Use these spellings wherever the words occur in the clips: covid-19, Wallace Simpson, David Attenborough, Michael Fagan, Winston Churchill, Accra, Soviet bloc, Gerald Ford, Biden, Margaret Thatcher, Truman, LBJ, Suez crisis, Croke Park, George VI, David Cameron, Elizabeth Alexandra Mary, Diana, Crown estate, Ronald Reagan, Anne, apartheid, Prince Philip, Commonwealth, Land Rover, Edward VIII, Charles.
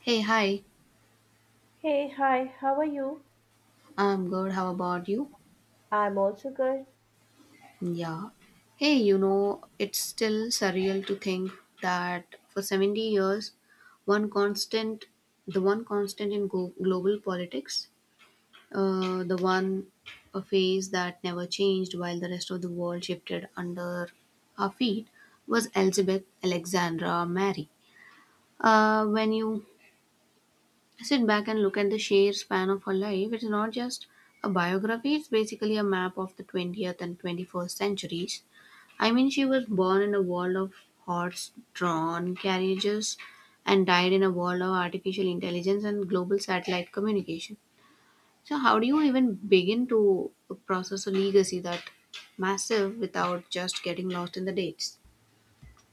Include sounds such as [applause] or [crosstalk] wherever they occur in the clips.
Hey, hi. Hey, hi, how are you? I'm good. How about you? I'm also good. Yeah. Hey, it's still surreal to think that for 70 years, one constant, the one constant in global politics, the one a phase that never changed while the rest of the world shifted under our feet was Elizabeth Alexandra Mary. When you sit back and look at the sheer span of her life. It's not just a biography, it's basically a map of the 20th and 21st centuries. I mean, she was born in a world of horse drawn carriages and died in a world of artificial intelligence and global satellite communication. So, how do you even begin to process a legacy that massive without just getting lost in the dates?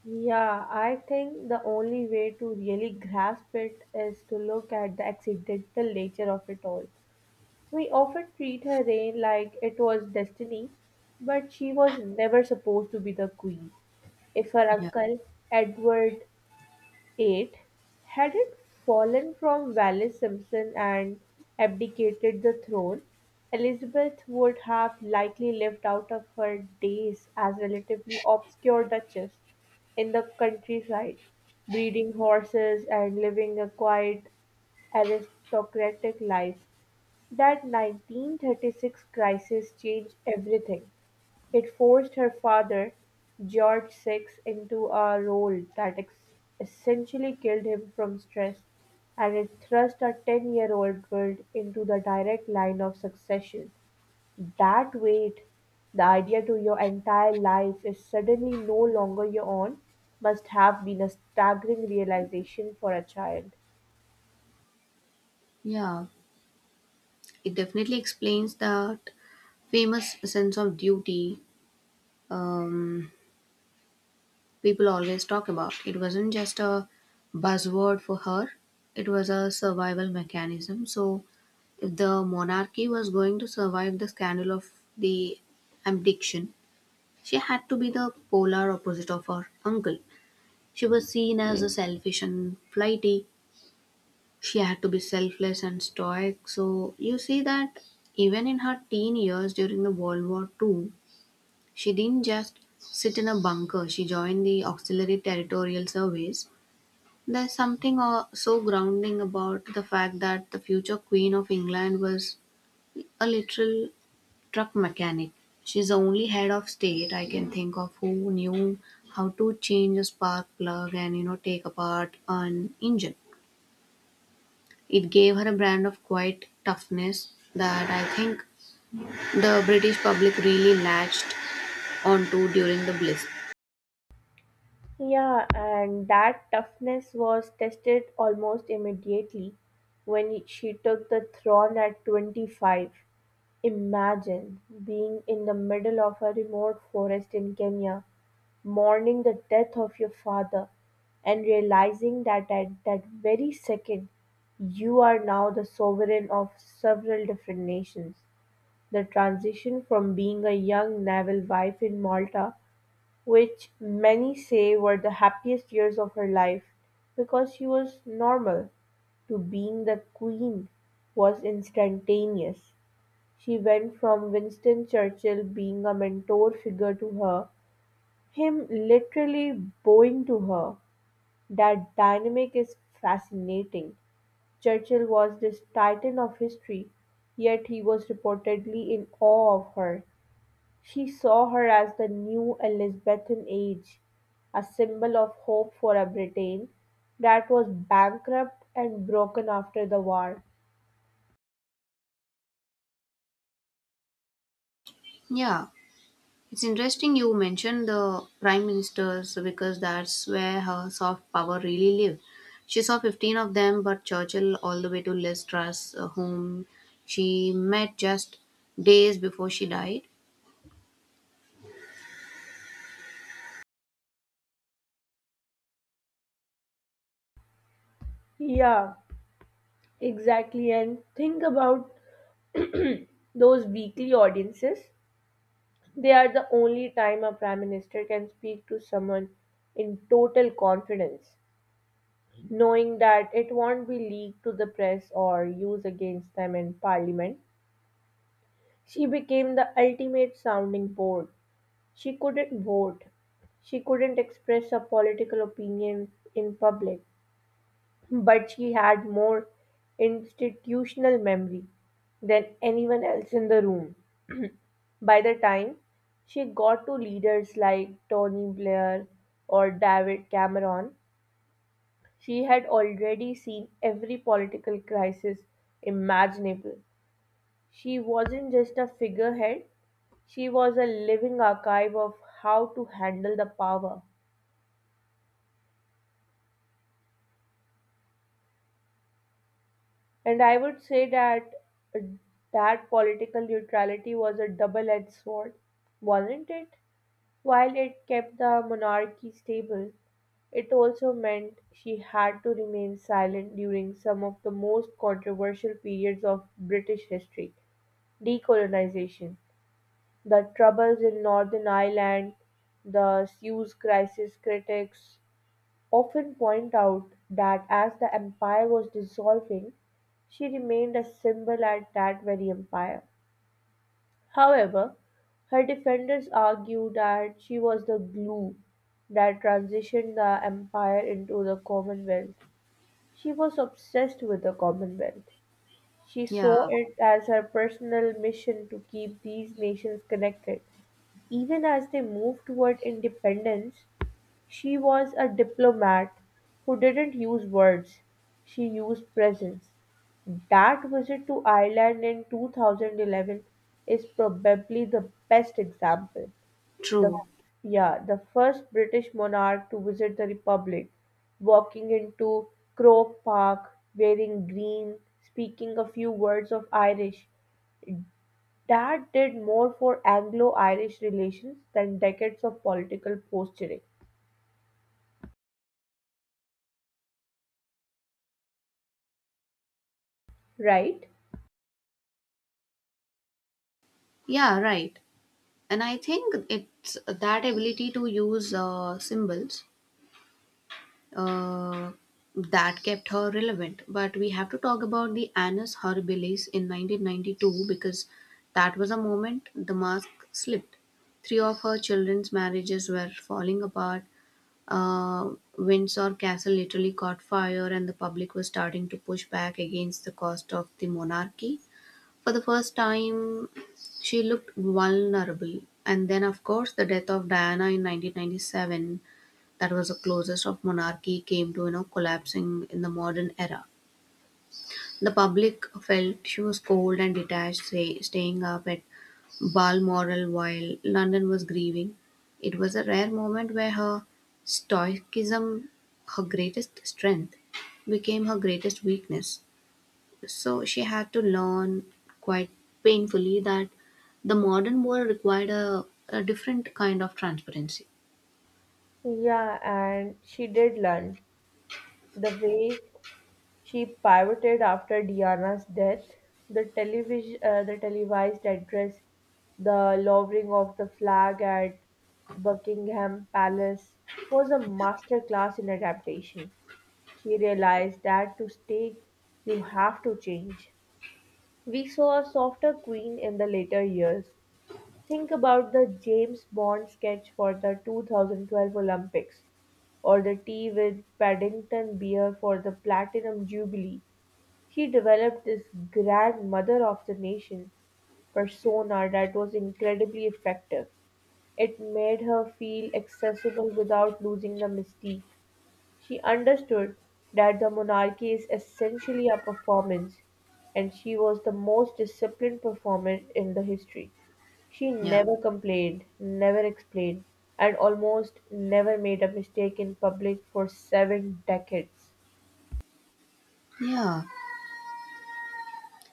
Yeah, I think the only way to really grasp it is to look at the accidental nature of it all. We often treat her reign like it was destiny, but she was never supposed to be the queen. If her Yeah. uncle, Edward VIII, had it fallen from Wallace Simpson and abdicated the throne, Elizabeth would have likely lived out of her days as relatively obscure duchess in the countryside, breeding horses and living a quiet aristocratic life. That 1936 crisis changed everything. It forced her father, George Six, into a role that essentially killed him from stress, and it thrust a 10-year-old girl into the direct line of succession. That weight, the idea to your entire life is suddenly no longer your own, must have been a staggering realization for a child. Yeah, it definitely explains that famous sense of duty um, people always talk about. It wasn't just a buzzword for her, it was a survival mechanism. So, if the monarchy was going to survive the scandal of the abdication, she had to be the polar opposite of her uncle. She was seen as a selfish and flighty. She had to be selfless and stoic. So, you see that even in her teen years during the World War II, she didn't just sit in a bunker. She joined the auxiliary territorial service. There's something so grounding about the fact that the future Queen of England was a literal truck mechanic. She's the only head of state I can think of who knew how to change a spark plug and take apart an engine. It gave her a brand of quiet toughness that I think the British public really latched onto during the Blitz. Yeah, and that toughness was tested almost immediately when she took the throne at 25. Imagine being in the middle of a remote forest in Kenya, mourning the death of your father, and realizing that at that very second, you are now the sovereign of several different nations. The transition from being a young naval wife in Malta, which many say were the happiest years of her life because she was normal, to being the queen was instantaneous. She went from Winston Churchill being a mentor figure to her, him literally bowing to her. That dynamic is fascinating. Churchill was this titan of history, yet he was reportedly in awe of her. She saw her as the new Elizabethan age, a symbol of hope for a Britain that was bankrupt and broken after the war. Yeah, it's interesting you mentioned the prime ministers because that's where her soft power really lived. She saw 15 of them, but Churchill all the way to Liz Truss, whom she met just days before she died. Yeah, exactly. And think about those weekly audiences. They are the only time a prime minister can speak to someone in total confidence, knowing that it won't be leaked to the press or used against them in parliament. She became the ultimate sounding board. She couldn't vote, she couldn't express her political opinions in public, but she had more institutional memory than anyone else in the room. By the time she got to leaders like Tony Blair or David Cameron, she had already seen every political crisis imaginable. She wasn't just a figurehead, she was a living archive of how to handle the power. And I would say that that political neutrality was a double edged sword, wasn't it? While it kept the monarchy stable, it also meant she had to remain silent during some of the most controversial periods of British history: decolonization, the troubles in Northern Ireland, the Suez crisis. Critics often point out that as the empire was dissolving, she remained a symbol at that very empire. However, her defenders argue that she was the glue that transitioned the empire into the Commonwealth. She was obsessed with the Commonwealth. She saw Yeah, it as her personal mission to keep these nations connected. Even as they moved toward independence, she was a diplomat who didn't use words, she used presence. That visit to Ireland in 2011 is probably the best example. The true. yeah, the first British monarch to visit the Republic, walking into Croke Park wearing green, speaking a few words of Irish. That did more for Anglo Irish relations than decades of political posturing, right? Yeah, right. And I think it's that ability to use symbols uh, that kept her relevant. But we have to talk about the Annus Horribilis in 1992 because that was a moment the mask slipped. Three of her children's marriages were falling apart. Uh, Windsor Castle literally caught fire, and the public was starting to push back against the cost of the monarchy. For the first time, she looked vulnerable. And then, of course, the death of Diana in 1997. That was the closest of monarchy came to collapsing in the modern era. The public felt she was cold and detached, say, staying up at Balmoral while London was grieving. It was a rare moment where her stoicism, her greatest strength, became her greatest weakness. So she had to learn quite painfully that the modern world required a different kind of transparency. Yeah, and she did learn. The way she pivoted after Diana's death, the television, the televised address, the lowering of the flag at Buckingham Palace was a masterclass in adaptation. She realized that to stay, you have to change. We saw a softer queen in the later years. Think about the James Bond sketch for the 2012 Olympics, or the tea with Paddington beer for the Platinum Jubilee. He developed this grandmother of the nation persona that was incredibly effective. It made her feel accessible without losing the mystique. She understood that the monarchy is essentially a performance, and she was the most disciplined performer in the history. She Yeah. never complained, never explained, and almost never made a mistake in public for seven decades. Yeah,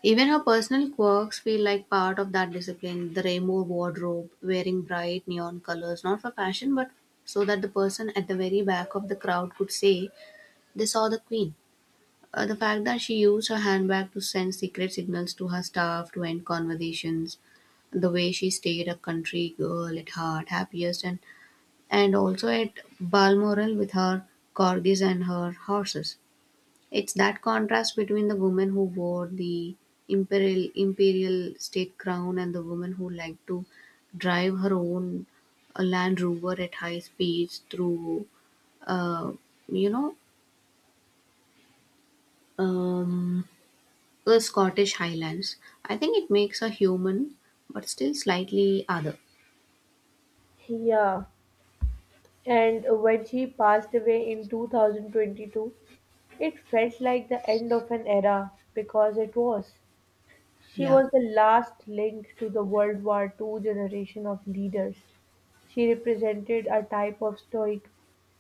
even her personal quirks feel like part of that discipline. The rainbow wardrobe, wearing bright neon colors, not for fashion, but so that the person at the very back of the crowd could say they saw the queen. The fact that she used her handbag to send secret signals to her staff to end conversations, the way she stayed a country girl at heart, happiest, and also at Balmoral with her corgis and her horses. It's that contrast between the woman who wore the imperial state crown and the woman who liked to drive her own Land Rover at high speeds through, uh, you know, um, the Scottish Highlands. I think it makes her human, but still slightly other. Yeah, and when she passed away in 2022, it felt like the end of an era, because it was. She Yeah, was the last link to the World War Two generation of leaders. She represented a type of stoic,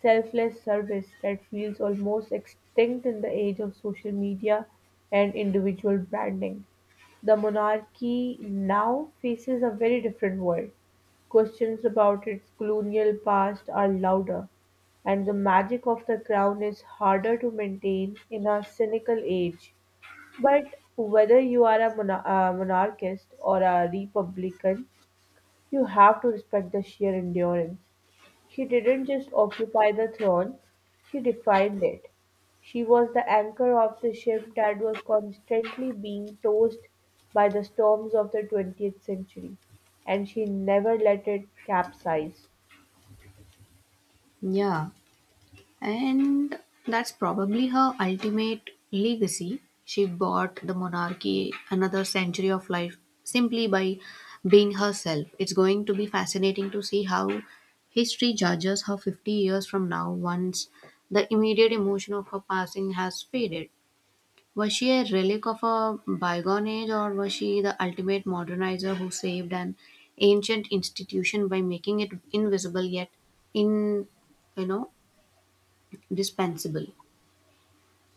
selfless service that feels almost extinct in the age of social media and individual branding. The monarchy now faces a very different world. Questions about its colonial past are louder, and the magic of the crown is harder to maintain in a cynical age. But whether you are a monarchist or a republican, you have to respect the sheer endurance. She didn't just occupy the throne, she defined it. She was the anchor of the ship that was constantly being tossed by the storms of the 20th century, and she never let it capsize. yeah. And that's probably her ultimate legacy. She bought the monarchy another century of life simply by being herself. It's going to be fascinating to see how history judges her 50 years from now once the immediate emotion of her passing has faded. Was she a relic of a bygone age, or was she the ultimate modernizer who saved an ancient institution by making it invisible yet in, you know, dispensable?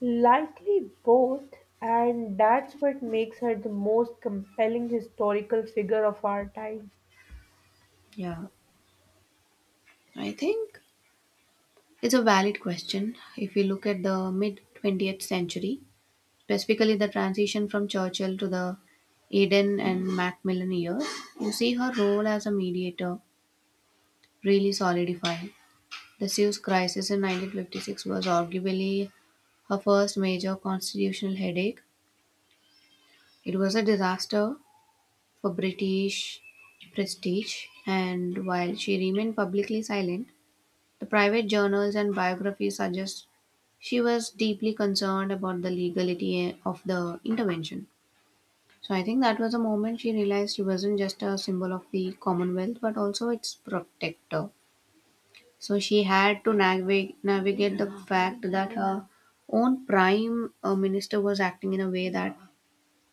Likely both, and that's what makes her the most compelling historical figure of our time. Yeah, I think it's a valid question. If we look at the mid 20th century, specifically the transition from Churchill to the Eden and Macmillan years, you see her role as a mediator really solidifying. The Suez crisis in 1956 was arguably her first major constitutional headache. It was a disaster for British prestige, and while she remained publicly silent, the private journals and biographies suggest she was deeply concerned about the legality of the intervention. So I think that was a moment she realized she wasn't just a symbol of the Commonwealth but also its protector. So she had to navigate the fact that her own prime minister was acting in a way that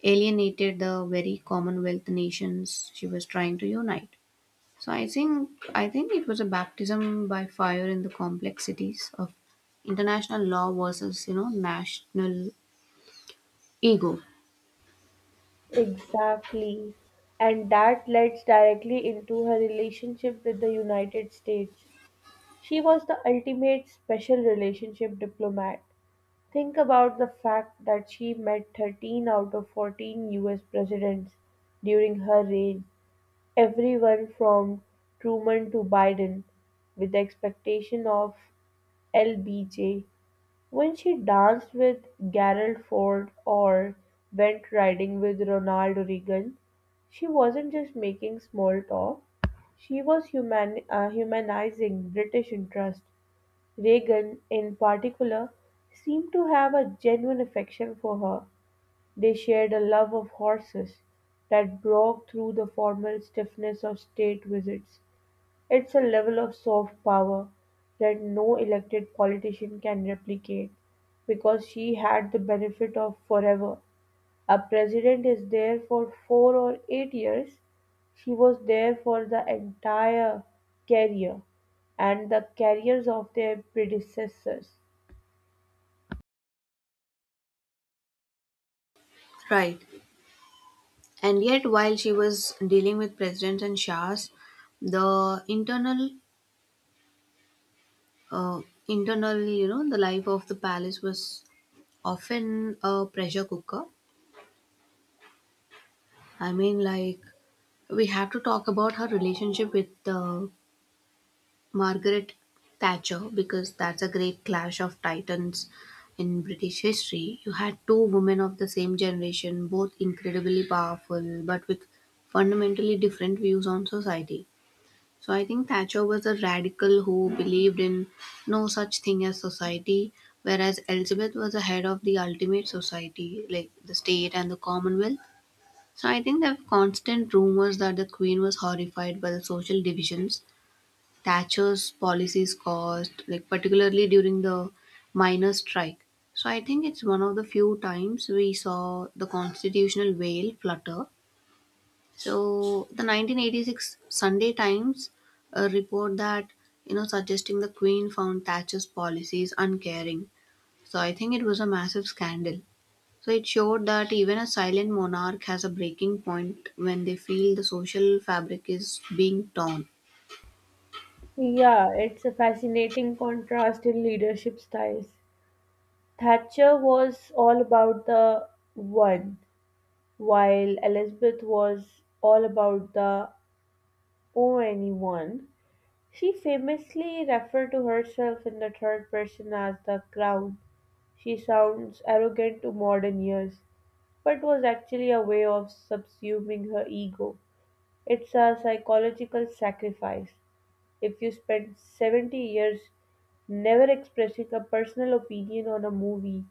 alienated the very Commonwealth nations she was trying to unite. So I think it was a baptism by fire in the complexities of international law versus national ego. Exactly. And that leads directly into her relationship with the United States. She was the ultimate special relationship diplomat. Think about the fact that she met 13 out of 14 US presidents during her reign, everyone from Truman to Biden, with the expectation of LBJ. When she danced with Gerald Ford or went riding with Ronald Reagan, she wasn't just making small talk, she was humanizing British interest. Reagan, in particular, seemed to have a genuine affection for her. They shared a love of horses that broke through the formal stiffness of state visits. It's a level of soft power that no elected politician can replicate, because she had the benefit of forever. A president is there for 4 or 8 years. She was there for the entire career and the careers of their predecessors. Right. And yet, while she was dealing with presidents and shahs, the internal, uh, internal, you know, the life of the palace was often a pressure cooker. I mean, like we have to talk about her relationship with the Margaret Thatcher because that's a great clash of titans in British history. You had two women of the same generation, both incredibly powerful, but with fundamentally different views on society. So I think Thatcher was a radical who believed in no such thing as society, whereas Elizabeth was the head of the ultimate society, like the state and the Commonwealth. So I think there were constant rumors that the Queen was horrified by the social divisions Thatcher's policies caused, like particularly during the miners' strike. So I think it's one of the few times we saw the constitutional veil flutter. So the 1986 Sunday Times report that suggesting the Queen found Thatcher's policies uncaring. So I think it was a massive scandal. So it showed that even a silent monarch has a breaking point when they feel the social fabric is being torn. Yeah, it's a fascinating contrast in leadership styles. Thatcher was all about the one, while Elizabeth was all about the Oh, anyone. She famously referred to herself in the third person as the crown. She sounds arrogant to modern ears, but was actually a way of subsuming her ego. It's a psychological sacrifice. If you spend 70 years never expressing a personal opinion on a movie,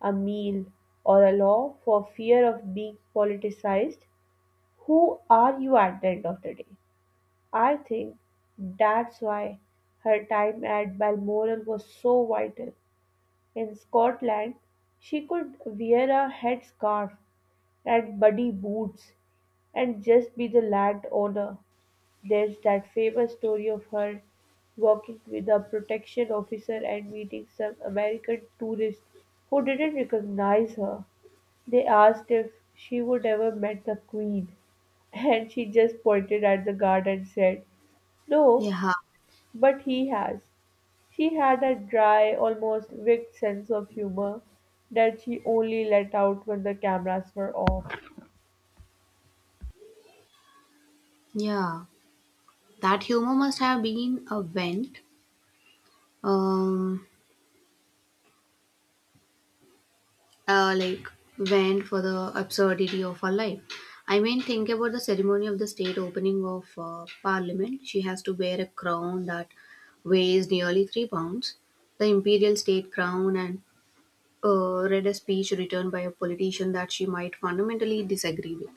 a meal, or a law for fear of being politicized, who are you at the end of the day? I think that's why her time at Balmoral was so vital. In Scotland, she could wear a headscarf and muddy boots and just be the landowner. There's that famous story of her working with a protection officer and meeting some American tourist who didn't recognize her. They asked if she would ever met the Queen, [laughs] and she just pointed at the guard and said, "No, Yeah, but he has." She had a dry, almost wicked sense of humor that she only let out when the cameras were off. yeah. That humor must have been a um, uh, like vent for the absurdity of her life. I mean, think about the ceremony of the state opening of parliament. She has to wear a crown that weighs nearly 3 pounds, the imperial state crown, and read a speech written by a politician that she might fundamentally disagree with.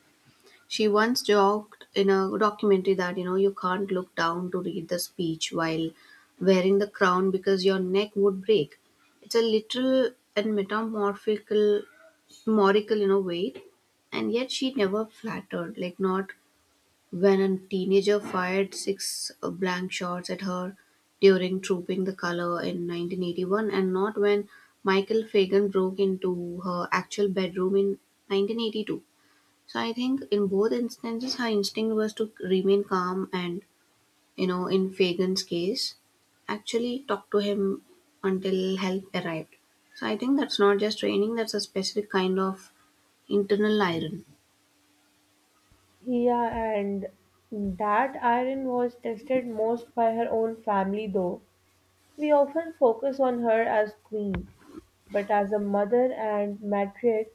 She once joked in a documentary that you can't look down to read the speech while wearing the crown because your neck would break. It's a literal and metamorphical, morical, way. And yet she never flattered, like not when a teenager fired six blank shots at her during Trooping the Color in 1981, and not when Michael Fagan broke into her actual bedroom in 1982. So I think in both instances, her instinct was to remain calm and in Fagan's case, actually talk to him until help arrived. So I think that's not just training, that's a specific kind of internal iron. Yeah, and that iron was tested most by her own family, though. We often focus on her as queen, but as a mother and matriarch,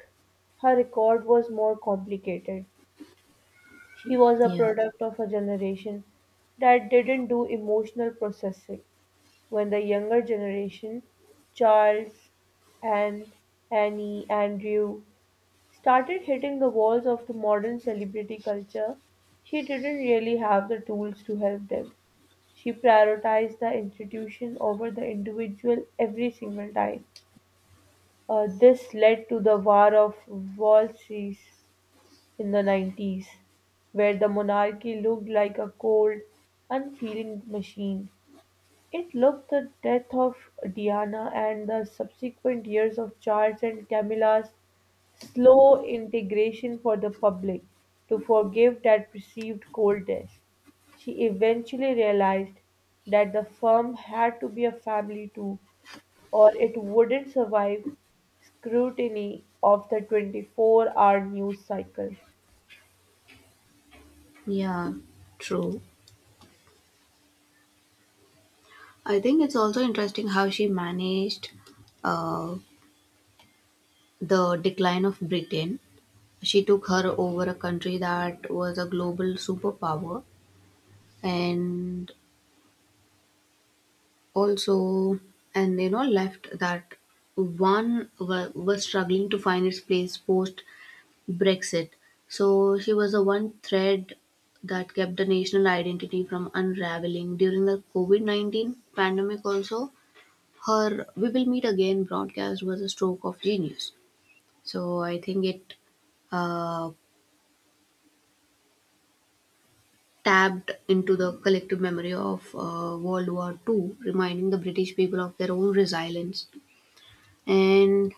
her record was more complicated. She was a Yeah. product of a generation that didn't do emotional processing. When the younger generation, Charles, Anne, Annie, Andrew, started hitting the walls of the modern celebrity culture, she didn't really have the tools to help them. She prioritized the institution over the individual every single time. This led to the War of Walses in the 90s, where the monarchy looked like a cold, unfeeling machine. It looked the death of Diana and the subsequent years of Charles and Camilla's slow integration for the public to forgive that perceived coldness. She eventually realized that the firm had to be a family too, or it wouldn't survive scrutiny of the 24-hour news cycle. Yeah, true. I think it's also interesting how she managed uh, the decline of Britain. She took her over a country that was a global superpower and also and you know left that one was struggling to find its place post Brexit. So she was the one thread that kept the national identity from unraveling during the covid-19 pandemic. Also, her we will meet again broadcast was a stroke of genius. So I think it uh, tapped into the collective memory of World War II, reminding the British people of their own resilience. And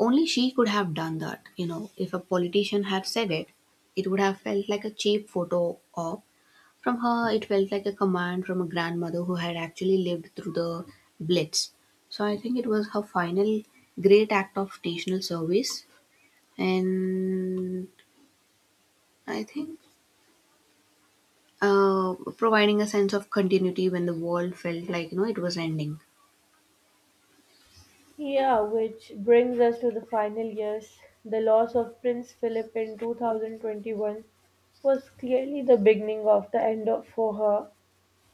only she could have done that. You know, if a politician had said it, it would have felt like a cheap photo op. From her, it felt like a command from a grandmother who had actually lived through the Blitz. So I think it was her final great act of national service, and I think providing a sense of continuity when the world felt like it was ending. Yeah, which brings us to the final years. The loss of Prince Philip in 2021 was clearly the beginning of the end of, for her.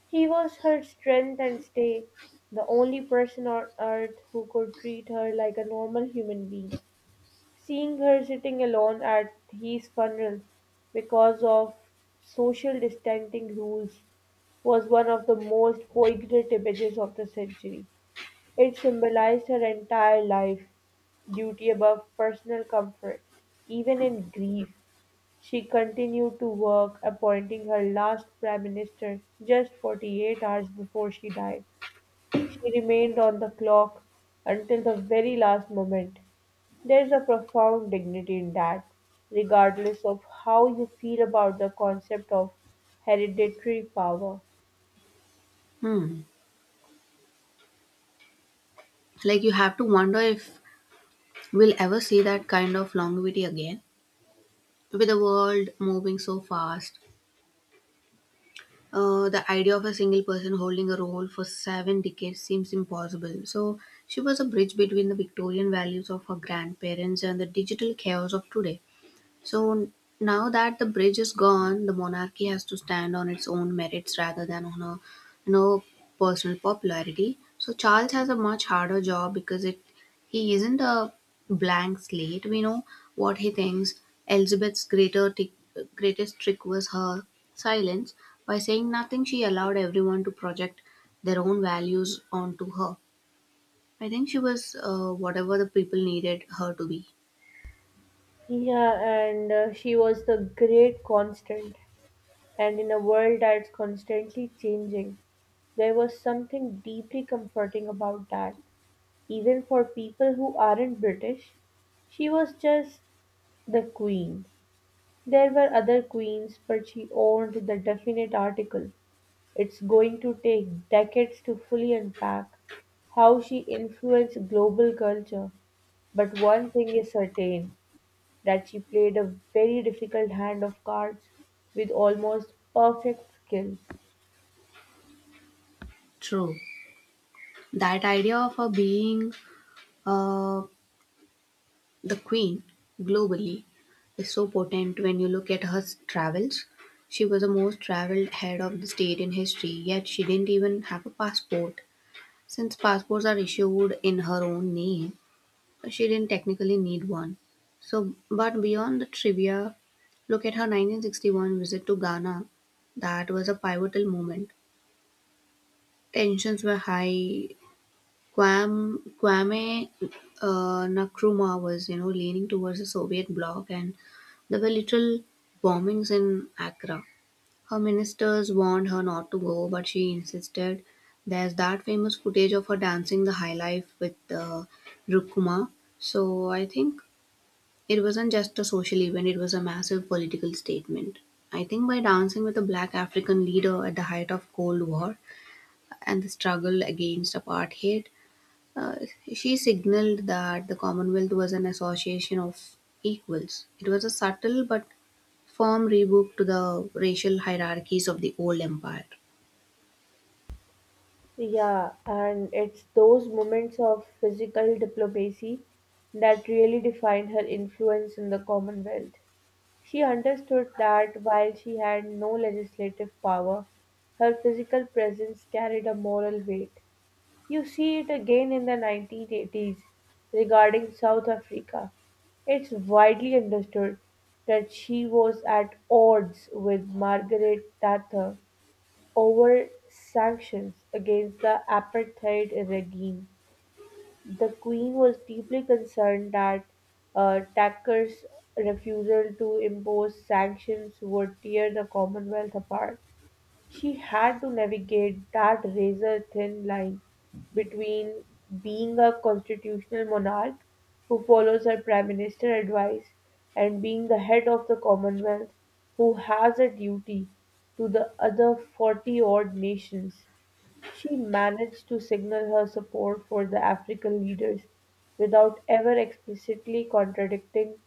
He was her strength and stay, the only person on earth who could treat her like a normal human being. Seeing her sitting alone at his funeral because of social distancing rules was one of the most poignant images of the century. It symbolized her entire life: duty above personal comfort. Even in grief, she continued to work, appointing her last prime minister just 48 hours before she died. She remained on the clock until the very last moment. There is a profound dignity in that, regardless of how you feel about the concept of hereditary power. Hmm. Like you have to wonder if we'll ever see that kind of longevity again. With the world moving so fast, the idea of a single person holding a role for 7 decades seems impossible. So, she was a bridge between the Victorian values of her grandparents and the digital chaos of today. So now that the bridge is gone, the monarchy has to stand on its own merits rather than on a you know personal popularity. So Charles has a much harder job because it he isn't a blank slate. We know what he thinks. Elizabeth's greatest trick was her silence. By saying nothing, she allowed everyone to project their own values onto her. I think she was whatever the people needed her to be. Yeah, and she was the great constant. And in a world that's constantly changing, there was something deeply comforting about that. Even for people who aren't British, she was just the queen. There were other queens, but she owned the definite article. It's going to take decades to fully unpack how she influenced global culture. But one thing is certain, that she played a very difficult hand of cards with almost perfect skill. True. That idea of her being Uh, the Queen, globally, is so potent when you look at her travels. She was the most traveled head of the state in history, yet she didn't even have a passport. Since passports are issued in her own name, she didn't technically need one. So, but beyond the trivia, look at her 1961 visit to Ghana. That was a pivotal moment. Tensions were high, Guam, Kwame Nkrumah was leaning towards the Soviet bloc, and there were literal bombings in Accra. Her ministers warned her not to go, but she insisted. There's that famous footage of her dancing the high life with Rukuma. So I think it wasn't just a social event; it was a massive political statement. I think by dancing with a black African leader at the height of Cold War and the struggle against apartheid, uh, she signaled that the Commonwealth was an association of equals. It was a subtle but firm rebuke to the racial hierarchies of the old empire. Yeah, and it's those moments of physical diplomacy that really defined her influence in the Commonwealth. She understood that while she had no legislative power, her physical presence carried a moral weight. You see it again in the 1980s regarding South Africa. It's widely understood that she was at odds with Margaret Thatcher over sanctions against the apartheid regime. The Queen was deeply concerned that Thackeray's refusal to impose sanctions would tear the Commonwealth apart. She had to navigate that razor thin line between being a constitutional monarch who follows her prime minister advice and being the head of the Commonwealth who has a duty to the other 40 odd nations. She managed to signal her support for the African leaders without ever explicitly contradicting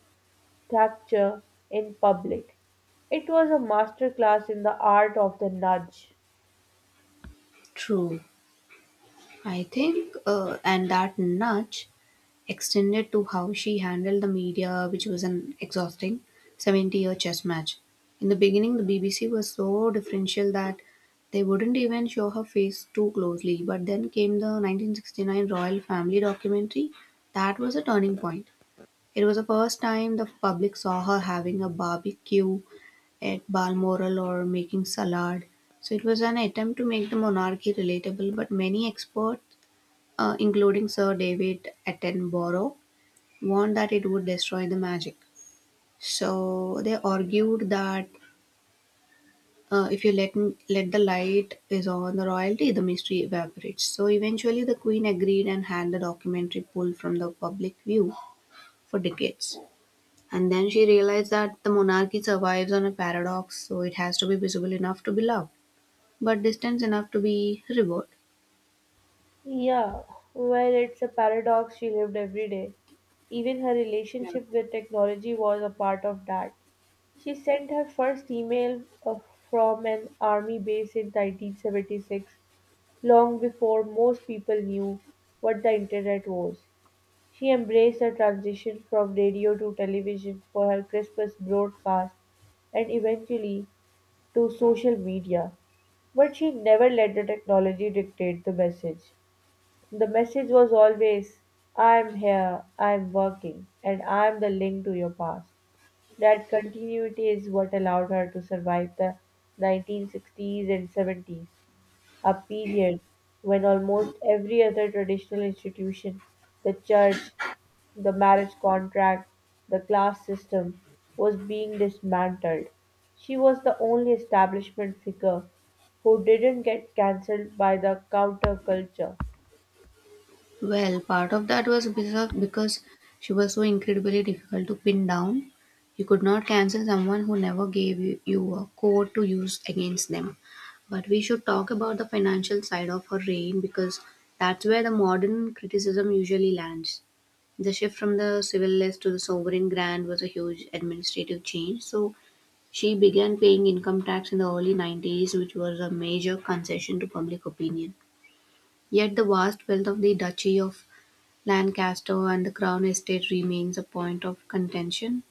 Thatcher in public. It was a masterclass in the art of the nudge. True. I think, and that nudge extended to how she handled the media, which was an exhausting 70-year chess match. In the beginning, the BBC was so differential that they wouldn't even show her face too closely, but then came the 1969 Royal Family documentary. That was a turning point. It was the first time the public saw her having a barbecue at Balmoral or making salad. So it was an attempt to make the monarchy relatable, but many experts, including Sir David Attenborough, warned that it would destroy the magic. So they argued that if you let the light is on the royalty, the mystery evaporates. So eventually, the queen agreed and had the documentary pulled from the public view for decades. And then she realized that the monarchy survives on a paradox, so it has to be visible enough to be loved, but distant enough to be revered. Yeah, well, it's a paradox she lived every day. Even her Yeah. relationship with technology was a part of that. She sent her first email from an army base in 1976, long before most people knew what the internet was. She embraced the transition from radio to television for her Christmas broadcast and eventually to social media. But she never let the technology dictate the message. The message was always, I'm here, I'm working, and I'm the link to your past. That continuity is what allowed her to survive the 1960s and 70s, a period when almost every other traditional institution, the church, the marriage contract, the class system, was being dismantled. She was the only establishment figure who didn't get cancelled by the counterculture. Well, part of that was because she was so incredibly difficult to pin down. You could not cancel someone who never gave you a code to use against them. But we should talk about the financial side of her reign because that's where the modern criticism usually lands. The shift from the civil list to the sovereign grant was a huge administrative change. So she began paying income tax in the early 90s, which was a major concession to public opinion. Yet the vast wealth of the Duchy of Lancaster and the Crown estate remains a point of contention.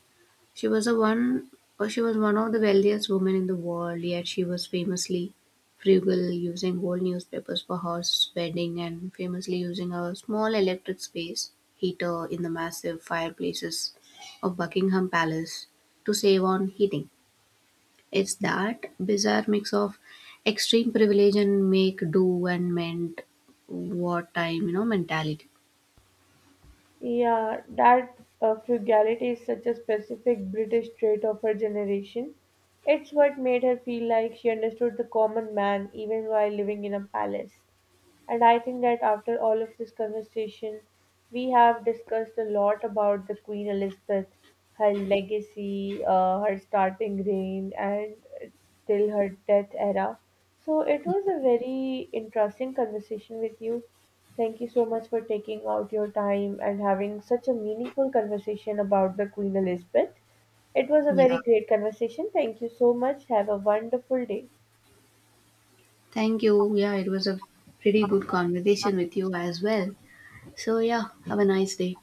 She was one of the wealthiest women in the world, yet she was famously frugal, using old newspapers for her wedding and famously using a small electric space heater in the massive fireplaces of Buckingham Palace to save on heating. It's that bizarre mix of extreme privilege and make do and meant wartime mentality. Yeah, that frugality is such a specific British trait of her generation. It's what made her feel like she understood the common man even while living in a palace. And I think that after all of this conversation, we have discussed a lot about the Queen Elizabeth, her legacy, her starting reign, and till her death era. So it was a very interesting conversation with you. Thank you so much for taking out your time and having such a meaningful conversation about the Queen Elizabeth. It was a Yeah. very great conversation. Thank you so much. Have a wonderful day. Thank you. Yeah, it was a pretty good conversation with you as well. So, yeah, have a nice day.